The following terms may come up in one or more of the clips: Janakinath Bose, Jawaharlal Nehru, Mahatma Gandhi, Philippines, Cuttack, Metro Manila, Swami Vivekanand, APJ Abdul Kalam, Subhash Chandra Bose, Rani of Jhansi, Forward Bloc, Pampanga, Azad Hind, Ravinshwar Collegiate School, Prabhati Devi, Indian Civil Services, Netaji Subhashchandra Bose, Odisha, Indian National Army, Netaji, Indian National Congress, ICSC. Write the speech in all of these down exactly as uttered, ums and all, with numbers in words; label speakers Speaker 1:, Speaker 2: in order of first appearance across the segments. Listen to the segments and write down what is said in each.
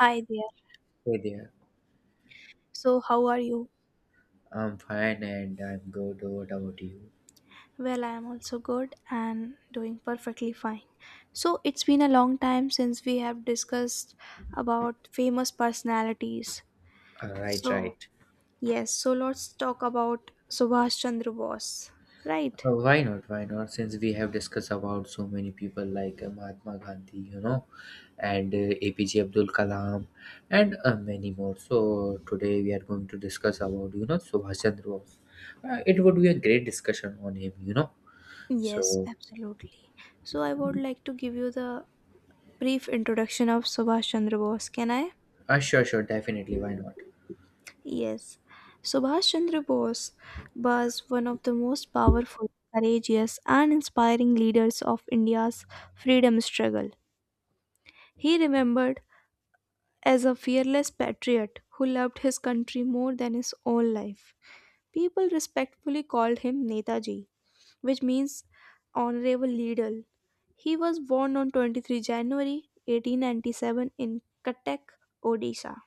Speaker 1: Hi there.
Speaker 2: Hey there.
Speaker 1: So, how are you?
Speaker 2: I'm fine and I'm good. What about you?
Speaker 1: Well, I am also good and doing perfectly fine. So, it's been a long time since we have discussed about famous personalities.
Speaker 2: Uh, right,
Speaker 1: So,
Speaker 2: right.
Speaker 1: yes, so let's talk about Subhash Chandra Bose, right?
Speaker 2: Uh, why not? Why not? Since we have discussed about so many people like uh, Mahatma Gandhi, you know, and uh, A P J Abdul Kalam, and uh, many more. So today we are going to discuss about you know Subhash Chandra Bose. Uh, it would be a great discussion on him, you know. So
Speaker 1: Yes, absolutely. So, I would like to give you the brief introduction of Subhash Chandra Bose. Can I?
Speaker 2: uh, sure, sure, definitely. Why not?
Speaker 1: Yes, Subhash Chandra Bose was one of the most powerful, courageous, and inspiring leaders of India's freedom struggle. He remembered as a fearless patriot who loved his country more than his own life. People respectfully called him Netaji, which means honorable leader. He was born on twenty-third of January eighteen ninety-seven in Cuttack, Odisha,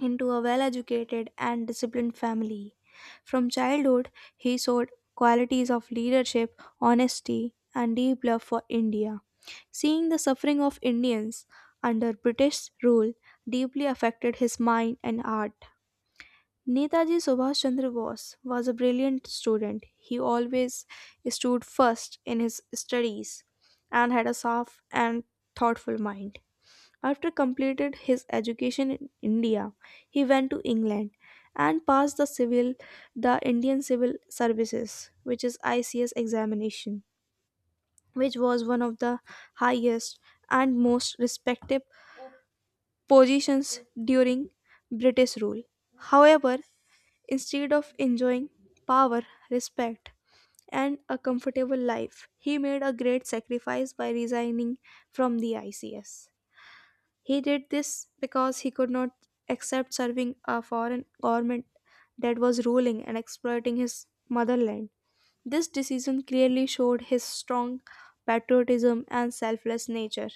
Speaker 1: into a well educated and disciplined family. From childhood, he showed qualities of leadership, honesty, and deep love for India. Seeing the suffering of Indians under British rule deeply affected his mind and art. Netaji Subhash Chandra Bose was a brilliant student. He always stood first in his studies and had a soft and thoughtful mind. After completed his education in India, he went to England and passed the civil the Indian Civil Services, which is I C S examination, which was one of the highest and most respected positions during British rule. However, instead of enjoying power, respect, and a comfortable life, he made a great sacrifice by resigning from the I C S. He did this because he could not accept serving a foreign government that was ruling and exploiting his motherland. This decision clearly showed his strong patriotism and selfless nature.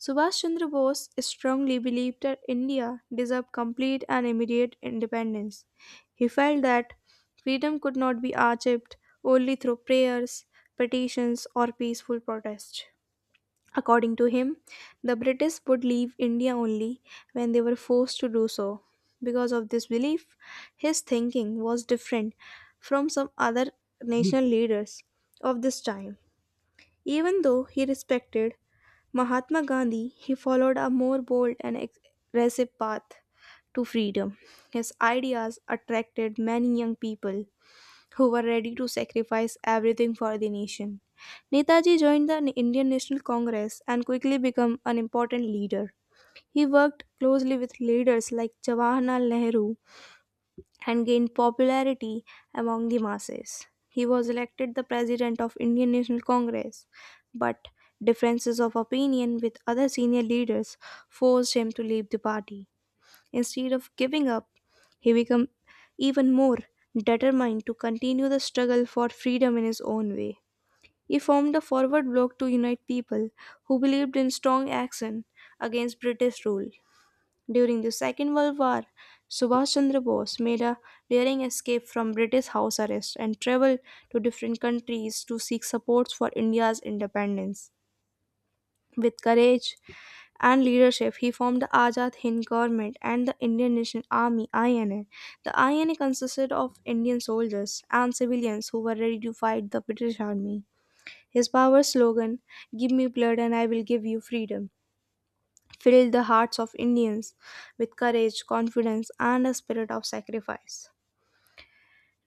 Speaker 1: Subhash Chandra Bose strongly believed that India deserved complete and immediate independence. He felt that freedom could not be achieved only through prayers, petitions, or peaceful protests. According to him, the British would leave India only when they were forced to do so. Because of this belief, his thinking was different from some other national leaders of this time. Even though he respected Mahatma Gandhi, he followed a more bold and aggressive path to freedom. His ideas attracted many young people who were ready to sacrifice everything for the nation. Netaji joined the Indian National Congress and quickly became an important leader. He worked closely with leaders like Jawaharlal Nehru and gained popularity among the masses. He was elected the president of Indian National Congress, but differences of opinion with other senior leaders forced him to leave the party. Instead of giving up, he became even more determined to continue the struggle for freedom in his own way. He formed a forward bloc to unite people who believed in strong action against British rule. During the Second World War, Subhash Chandra Bose made a daring escape from British house arrest and traveled to different countries to seek support for India's independence. With courage and leadership, he formed the Azad Hind government and the Indian National Army (I N A). The I N A consisted of Indian soldiers and civilians who were ready to fight the British army. His power slogan, "Give me blood and I will give you freedom," filled the hearts of Indians with courage, confidence, and a spirit of sacrifice.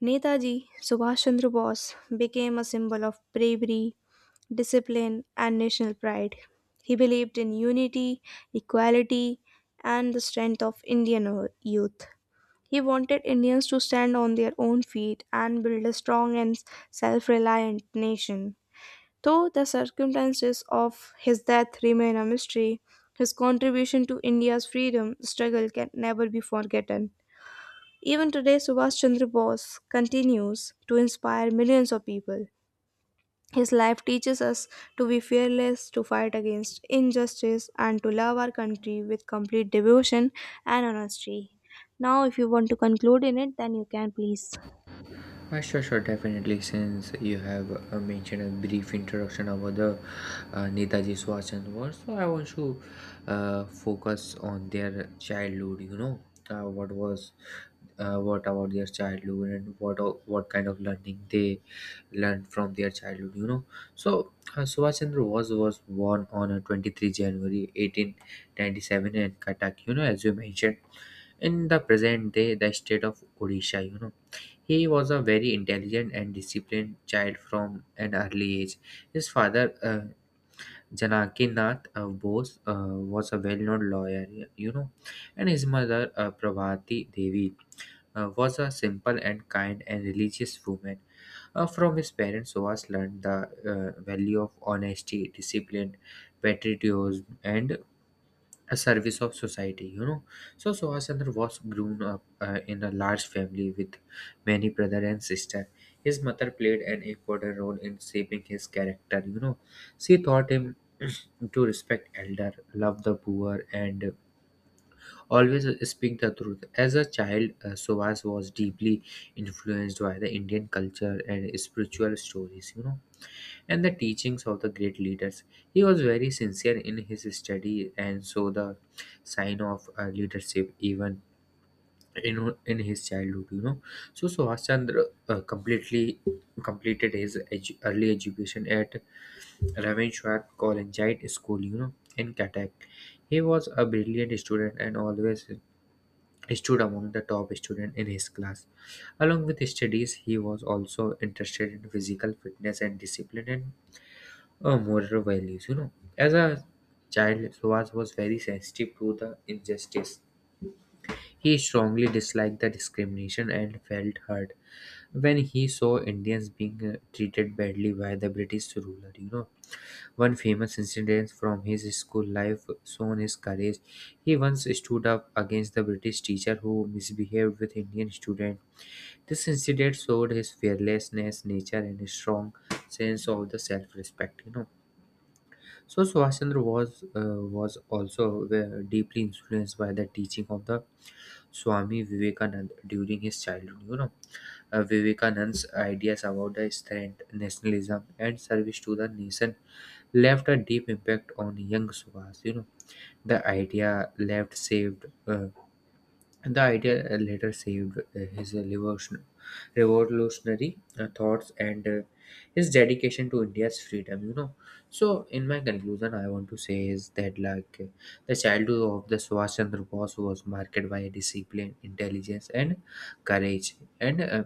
Speaker 1: Netaji Subhash Chandra Bose became a symbol of bravery, discipline, and national pride. He believed in unity, equality, and the strength of Indian o- youth. He wanted Indians to stand on their own feet and build a strong and self reliant nation. Though the circumstances of his death remain a mystery, his contribution to India's freedom struggle can never be forgotten. Even today, Subhash Chandra Bose continues to inspire millions of people. His life teaches us to be fearless, to fight against injustice, and to love our country with complete devotion and honesty. Now, if you want to conclude in it, then you can, please.
Speaker 2: Uh, sure, sure, definitely. Since you have uh, mentioned a brief introduction about the uh, Netaji Subhashchandra Bose, so I want to uh, focus on their childhood. You know, uh, what was, uh, what about their childhood and what o- what kind of learning they learned from their childhood. You know, so uh, Subhashchandra Bose was born on uh, twenty-third of January eighteen ninety-seven in Cuttack. You know, as you mentioned, in the present day, the state of Odisha. You know, he was a very intelligent and disciplined child from an early age. His father, uh, Janakinath uh, Bose, uh, was a well-known lawyer, you know, and his mother, uh, Prabhati Devi, uh, was a simple and kind and religious woman. Uh, from his parents, Suvas learned the uh, value of honesty, discipline, patriotism, and a service of society, you know. So Subhash Chandra was grown up uh, in a large family with many brother and sister. His mother played an important role in shaping his character, you know. She taught him to respect elder, love the poor, and always speak the truth. As a child, uh, Subhash was deeply influenced by the Indian culture and spiritual stories, you know, and the teachings of the great leaders. He was very sincere in his study and so the sign of uh, leadership even in, in his childhood, you know. So Subhash Chandra uh, completely completed his edu- early education at Ravinshwar Collegiate School, you know, in Cuttack. He was a brilliant student and always stood among the top students in his class. Along with his studies, he was also interested in physical fitness and discipline, and uh, moral values. You know, as a child, Suhas was very sensitive to the injustice. He strongly disliked the discrimination and felt hurt when he saw Indians being uh, treated badly by the British ruler. You know, one famous incident from his school life shown his courage. He once stood up against the British teacher who misbehaved with Indian students. This incident showed his fearlessness, nature, and a strong sense of the self-respect, you know. So Subhashchandra was uh, was also uh, deeply influenced by the teaching of the Swami Vivekanand during his childhood. You know, uh, Vivekanand's ideas about the strength, nationalism, and service to the nation left a deep impact on young Subhas. You know, the idea left saved. Uh, the idea uh, later saved uh, his revolution- revolutionary uh, thoughts and uh, his dedication to India's freedom, you know. So, in my conclusion, I want to say is that, like, uh, the childhood of the Subhash Chandra Bose was marked by discipline, intelligence, and courage, and uh,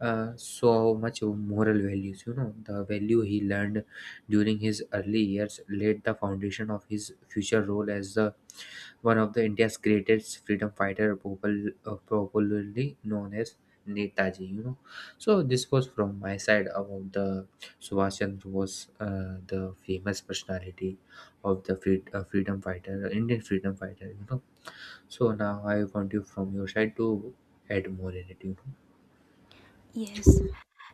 Speaker 2: uh, so much moral values, you know. The value he learned during his early years laid the foundation of his future role as the one of the India's greatest freedom fighter, popul- uh, popularly known as Netaji. You know, so this was from my side about the Subhash Chandra Bose, uh, the famous personality of the free- uh, freedom fighter, Indian freedom fighter. You know, so now I want you from your side to add more in it, you know.
Speaker 1: Yes.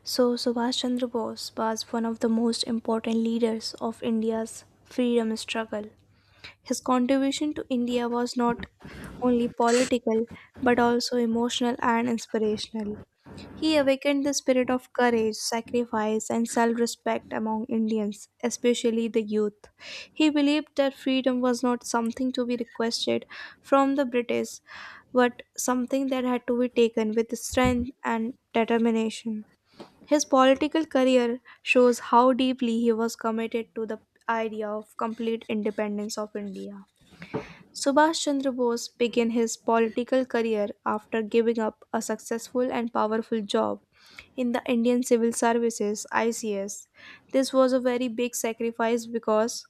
Speaker 1: So, Subhash Chandra Bose was one of the most important leaders of India's freedom struggle. His contribution to India was not only political but also emotional and inspirational. He awakened the spirit of courage, sacrifice, and self respect among Indians, especially the youth. He believed that freedom was not something to be requested from the British, but something that had to be taken with strength and determination. His political career shows how deeply he was committed to the idea of complete independence of India. Subhash Chandra Bose began his political career after giving up a successful and powerful job in the Indian Civil Services I C S. This was a very big sacrifice because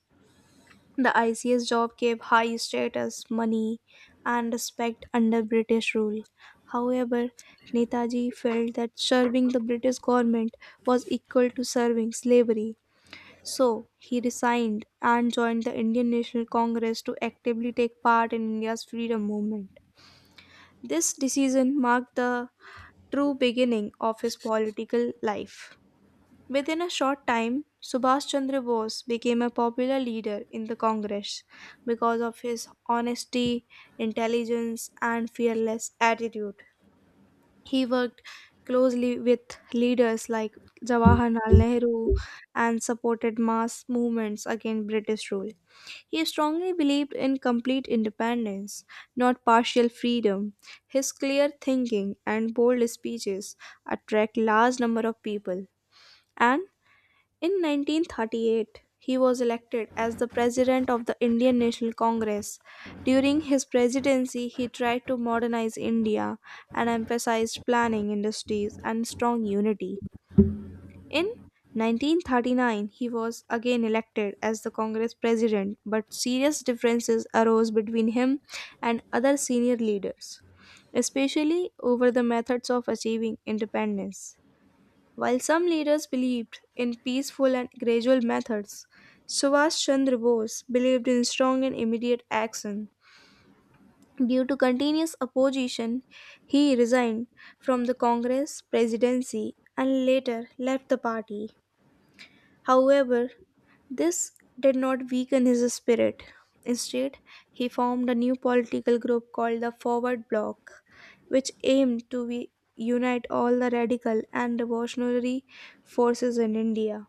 Speaker 1: the I C S job gave high status, money, and respect under British rule. However, Netaji felt that serving the British government was equal to serving slavery. So he resigned and joined the Indian National Congress to actively take part in India's freedom movement. This decision marked the true beginning of his political life. Within a short time, Subhash Chandra Bose became a popular leader in the Congress because of his honesty, intelligence, and fearless attitude. He worked closely with leaders like Jawaharlal Nehru and supported mass movements against British rule. He strongly believed in complete independence, not partial freedom. His clear thinking and bold speeches attract large number of people, and in nineteen thirty-eight, he was elected as the president of the Indian National Congress. During his presidency, he tried to modernize India and emphasized planning industries and strong unity. In nineteen thirty-nine, he was again elected as the Congress president, but serious differences arose between him and other senior leaders, especially over the methods of achieving independence. While some leaders believed in peaceful and gradual methods, Subhash Chandra Bose believed in strong and immediate action. Due to continuous opposition, he resigned from the Congress presidency and later left the party. However, this did not weaken his spirit. Instead, he formed a new political group called the Forward Bloc, which aimed to be- unite all the radical and revolutionary forces in India.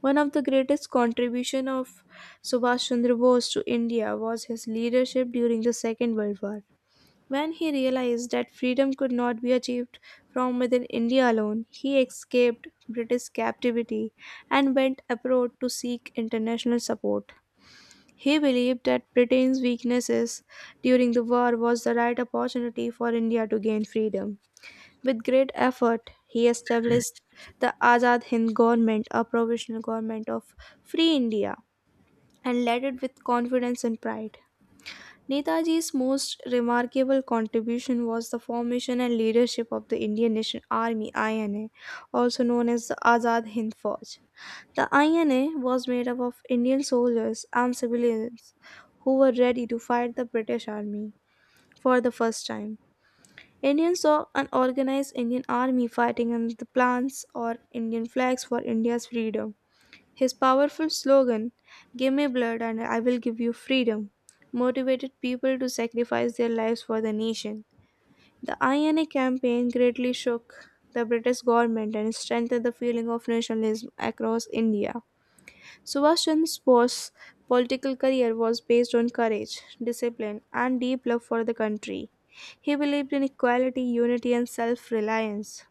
Speaker 1: One of the greatest contribution of Subhash Chandra Bose to India was his leadership during the Second World War. When he realized that freedom could not be achieved from within India alone, he escaped British captivity and went abroad to seek international support. He believed that Britain's weaknesses during the war was the right opportunity for India to gain freedom. With great effort, he established the Azad Hind government, a provisional government of free India, and led it with confidence and pride. Netaji's most remarkable contribution was the formation and leadership of the Indian National Army I N A, also known as the Azad Hind Fauj. The I N A was made up of Indian soldiers and civilians who were ready to fight the British Army for the first time. Indians saw an organized Indian army fighting under the plans or Indian flags for India's freedom. His powerful slogan, "Give me blood and I will give you freedom," motivated people to sacrifice their lives for the nation. The I N A campaign greatly shook the British government and strengthened the feeling of nationalism across India. Subhash Chandra's Bose's political career was based on courage, discipline, and deep love for the country. He believed in equality, unity, and self reliance.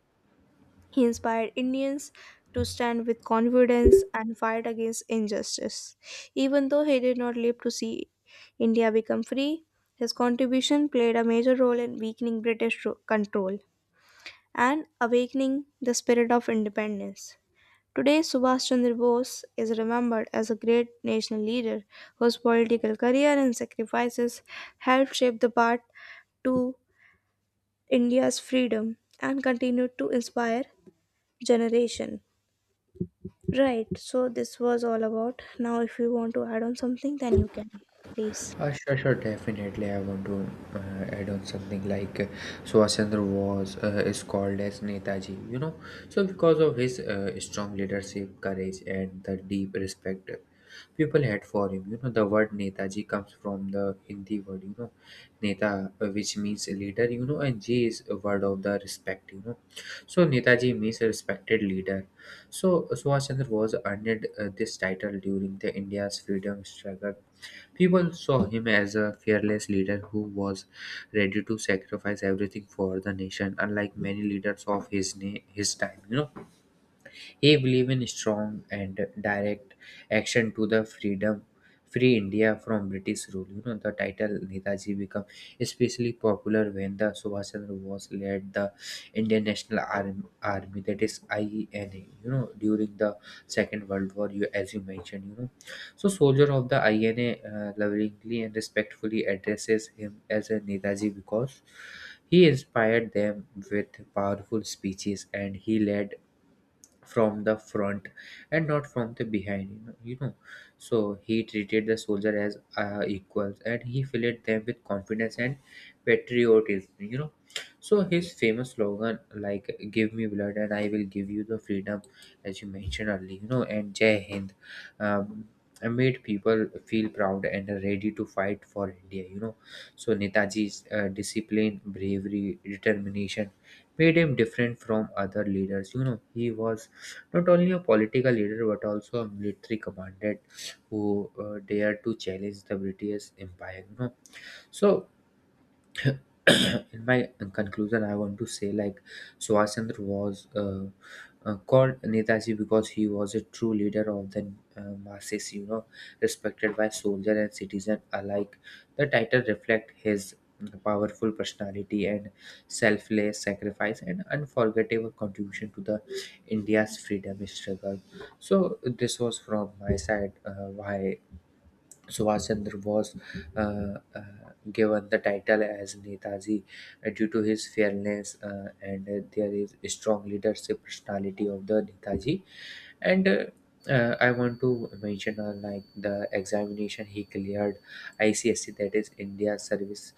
Speaker 1: He inspired Indians to stand with confidence and fight against injustice. Even though he did not live to see India become free, his contribution played a major role in weakening British ro- control and awakening the spirit of independence. Today, Subhash Chandra Bose is remembered as a great national leader whose political career and sacrifices helped shape the path to India's freedom and continued to inspire generation. Right, so this was all about. Now, if you want to add on something, then you can. Please.
Speaker 2: Uh, sure, sure, definitely. I want to uh, add on something like, uh, Subhash Chandra was uh, is called as Netaji, you know. So because of his uh, strong leadership, courage, and the deep respect people had for him, you know, the word Netaji comes from the Hindi word, you know, Neta, uh, which means leader, you know, and J is a word of the respect, you know. So Netaji means a respected leader. So Subhash Chandra was earned uh, this title during the India's freedom struggle. People saw him as a fearless leader who was ready to sacrifice everything for the nation, unlike many leaders of his na- his time, you know. He believed in strong and direct action to the freedom, free India from British rule. You know, the title Netaji became especially popular when the Subhash Chandra Bose led the Indian National Arm- Army, that is I N A. You know, during the Second World War, you as you mentioned, you know. So, soldier of the I N A uh, lovingly and respectfully addresses him as a Netaji because he inspired them with powerful speeches and he led from the front and not from the behind, you know, you know. So he treated the soldier as uh, equals and he filled them with confidence and patriotism, you know. So his famous slogan like give me blood and I will give you the freedom, as you mentioned earlier, you know, and Jai Hind, um, made people feel proud and ready to fight for India, you know. So Netaji's uh, discipline, bravery, determination made him different from other leaders, you know. He was not only a political leader, but also a military commander who uh, dared to challenge the British Empire, you know. So in my conclusion I want to say like Subhash Chandra was uh, uh, called Netaji because he was a true leader of the uh, masses, you know, respected by soldier and citizen alike. The title reflect his uh, powerful personality and selfless sacrifice and unforgettable contribution to the India's freedom struggle. So this was from my side uh, why Subhash Chandra Bose uh, uh, given the title as Netaji, uh, due to his fearless uh, and uh, there is strong leadership personality of the Netaji. And uh, uh, I want to mention uh, like the examination he cleared, I C S C, that is India Service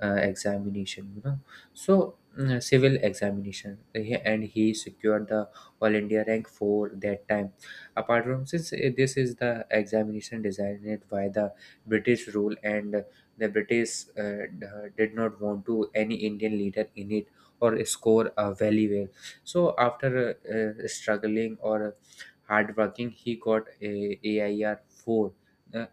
Speaker 2: uh, Examination, you know. So mm, civil examination. Uh, He- and he secured the all India rank four that time. Apart from, since eh, this is the examination designed by the British rule, and the British uh, d- did not want to any Indian leader in it or score uh, very well. So after uh, uh, struggling or hard working he got eh, a AIR four. eh,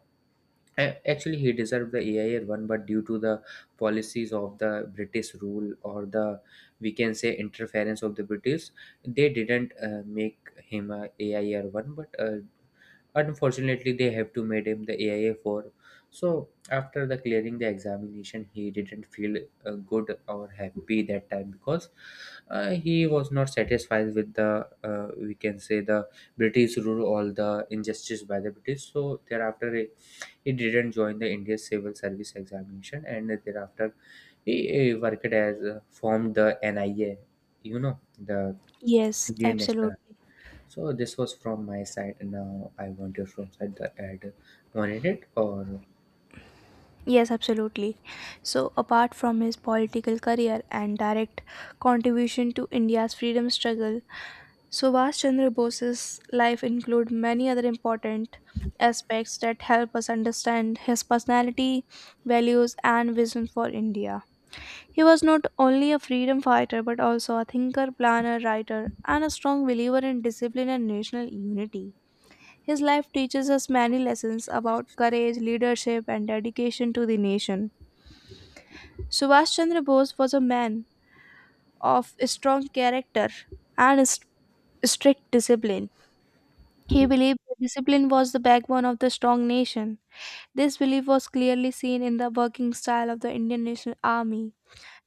Speaker 2: a- Actually, he deserved the A I R one, but due to the policies of the British rule, or the, we can say, interference of the British, they didn't uh, make him a AIR one. But uh, unfortunately, they have to made him the A I R four. So after the clearing the examination, he didn't feel uh, good or happy that time because uh, he was not satisfied with the, uh, we can say, the British rule or the injustice by the British. So thereafter he didn't join the Indian Civil Service Examination, and thereafter he, he worked as, uh, formed the N I A, you know, the
Speaker 1: Yes,
Speaker 2: Indian National.
Speaker 1: absolutely.
Speaker 2: So this was from my side. And now I want your from side the ad wanted it, or
Speaker 1: Yes, absolutely. So, apart from his political career and direct contribution to India's freedom struggle, Subhash Chandra Bose's life include many other important aspects that help us understand his personality, values, and vision for India. He was not only a freedom fighter but also a thinker, planner, writer, and a strong believer in discipline and national unity. His life teaches us many lessons about courage, leadership, and dedication to the nation. Subhash Chandra Bose was a man of strong character and s- strict discipline. He believed that discipline was the backbone of the strong nation. This belief was clearly seen in the working style of the Indian National Army,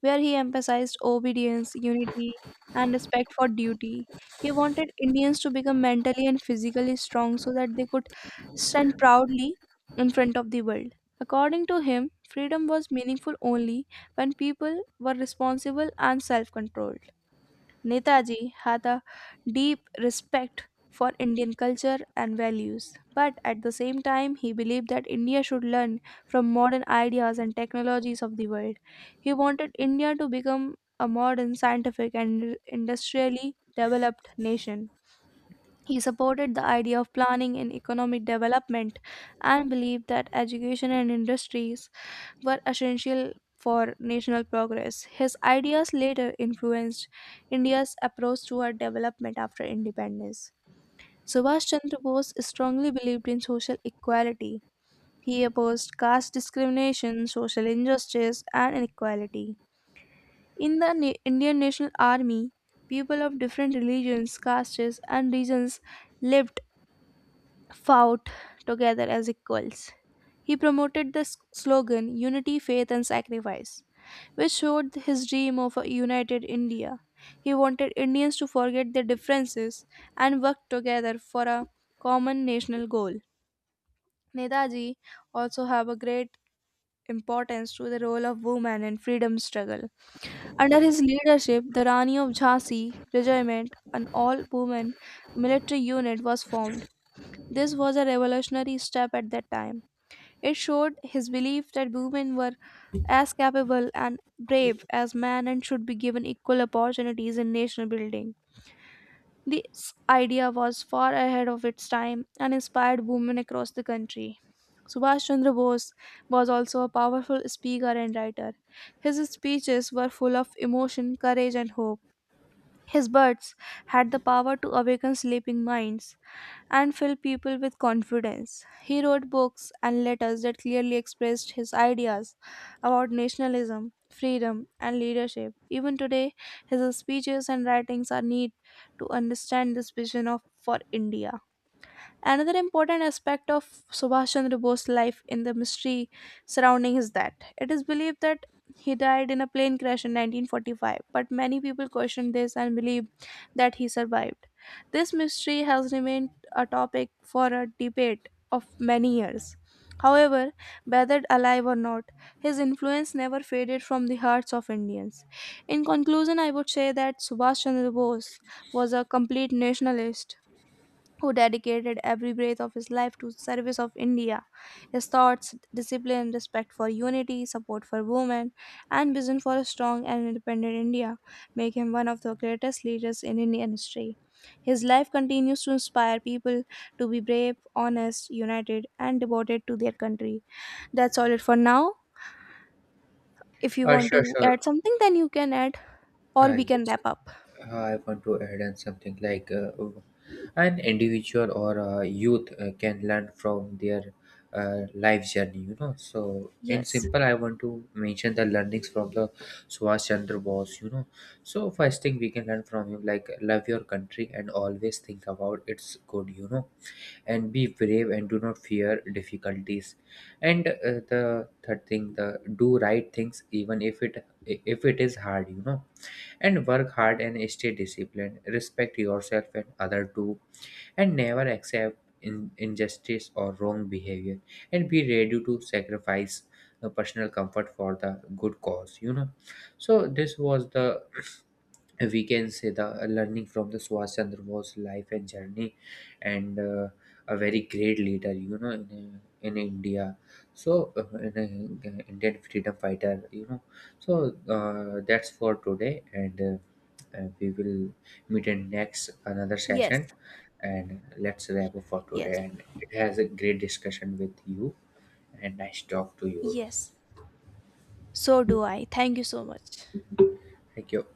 Speaker 1: where he emphasized obedience, unity, and respect for duty. He wanted Indians to become mentally and physically strong so that they could stand proudly in front of the world. According to him, freedom was meaningful only when people were responsible and self controlled. Netaji had a deep respect for Indian culture and values, but at the same time, he believed that India should learn from modern ideas and technologies of the world. He wanted India to become a modern, scientific, and industrially developed nation. He supported the idea of planning and economic development and believed that education and industries were essential for national progress. His ideas later influenced India's approach toward development after independence. Subhash Chandra Bose strongly believed in social equality. He opposed caste discrimination, social injustice, and inequality. In the Na- Indian National Army, people of different religions, castes, and regions lived, fought together as equals. He promoted the s- slogan Unity, Faith and Sacrifice, which showed his dream of a united India. He wanted Indians to forget their differences and work together for a common national goal. Netaji also have a great importance to the role of women in freedom struggle. Under his leadership, the Rani of Jhansi regiment, an all-women military unit, was formed. This was a revolutionary step at that time. It showed his belief that women were as capable and brave as men and should be given equal opportunities in nation building. This idea was far ahead of its time and inspired women across the country. Subhash Chandra Bose was also a powerful speaker and writer. His speeches were full of emotion, courage, and hope. His words had the power to awaken sleeping minds and filled people with confidence. He wrote books and letters that clearly expressed his ideas about nationalism, freedom, and leadership. Even today, his speeches and writings are needed to understand this vision of for India. Another important aspect of Subhash Chandra Bose's life in the mystery surrounding is that it is believed that he died in a plane crash in nineteen forty-five, but many people question this and believe that he survived. This mystery has remained a topic for a debate of many years. However, whether alive or not, his influence never faded from the hearts of Indians. In conclusion, I would say that Subhash Chandra Bose was a complete nationalist who dedicated every breath of his life to service of India. His thoughts, discipline, respect for unity, support for women, and vision for a strong and independent India make him one of the greatest leaders in Indian history. His life continues to inspire people to be brave, honest, united, and devoted to their country. That's all it for now. If you
Speaker 2: uh,
Speaker 1: want
Speaker 2: sure
Speaker 1: to
Speaker 2: sure
Speaker 1: add something, then you can add, or
Speaker 2: uh,
Speaker 1: we can
Speaker 2: yes,
Speaker 1: wrap up.
Speaker 2: I want to add on something like, uh, an individual or a youth uh, can learn from their uh, life journey, you know. So, in
Speaker 1: Yes,
Speaker 2: simple, I want to mention the learnings from the Subhash Chandra Bose, you know. So, first thing we can learn from him, like love your country and always think about its good, you know, and be brave and do not fear difficulties. And uh, the third thing, the do right things even if it if it is hard, you know, and work hard and stay disciplined. Respect yourself and other too, and never accept in- injustice or wrong behavior. And be ready to sacrifice the personal comfort for the good cause, you know. So this was the, we can say, the uh, learning from the Subhash Chandra Bose life and journey, and uh, a very great leader, you know, in, uh, in India. So, uh, in, uh, Indian freedom fighter, you know. So uh, that's for today, and uh, uh, we will meet in next another
Speaker 1: yes,
Speaker 2: session, and let's wrap up for today.
Speaker 1: yes,
Speaker 2: And it has a great discussion with you, and nice talk to you.
Speaker 1: yes. So do I. Thank you so much.
Speaker 2: Thank you.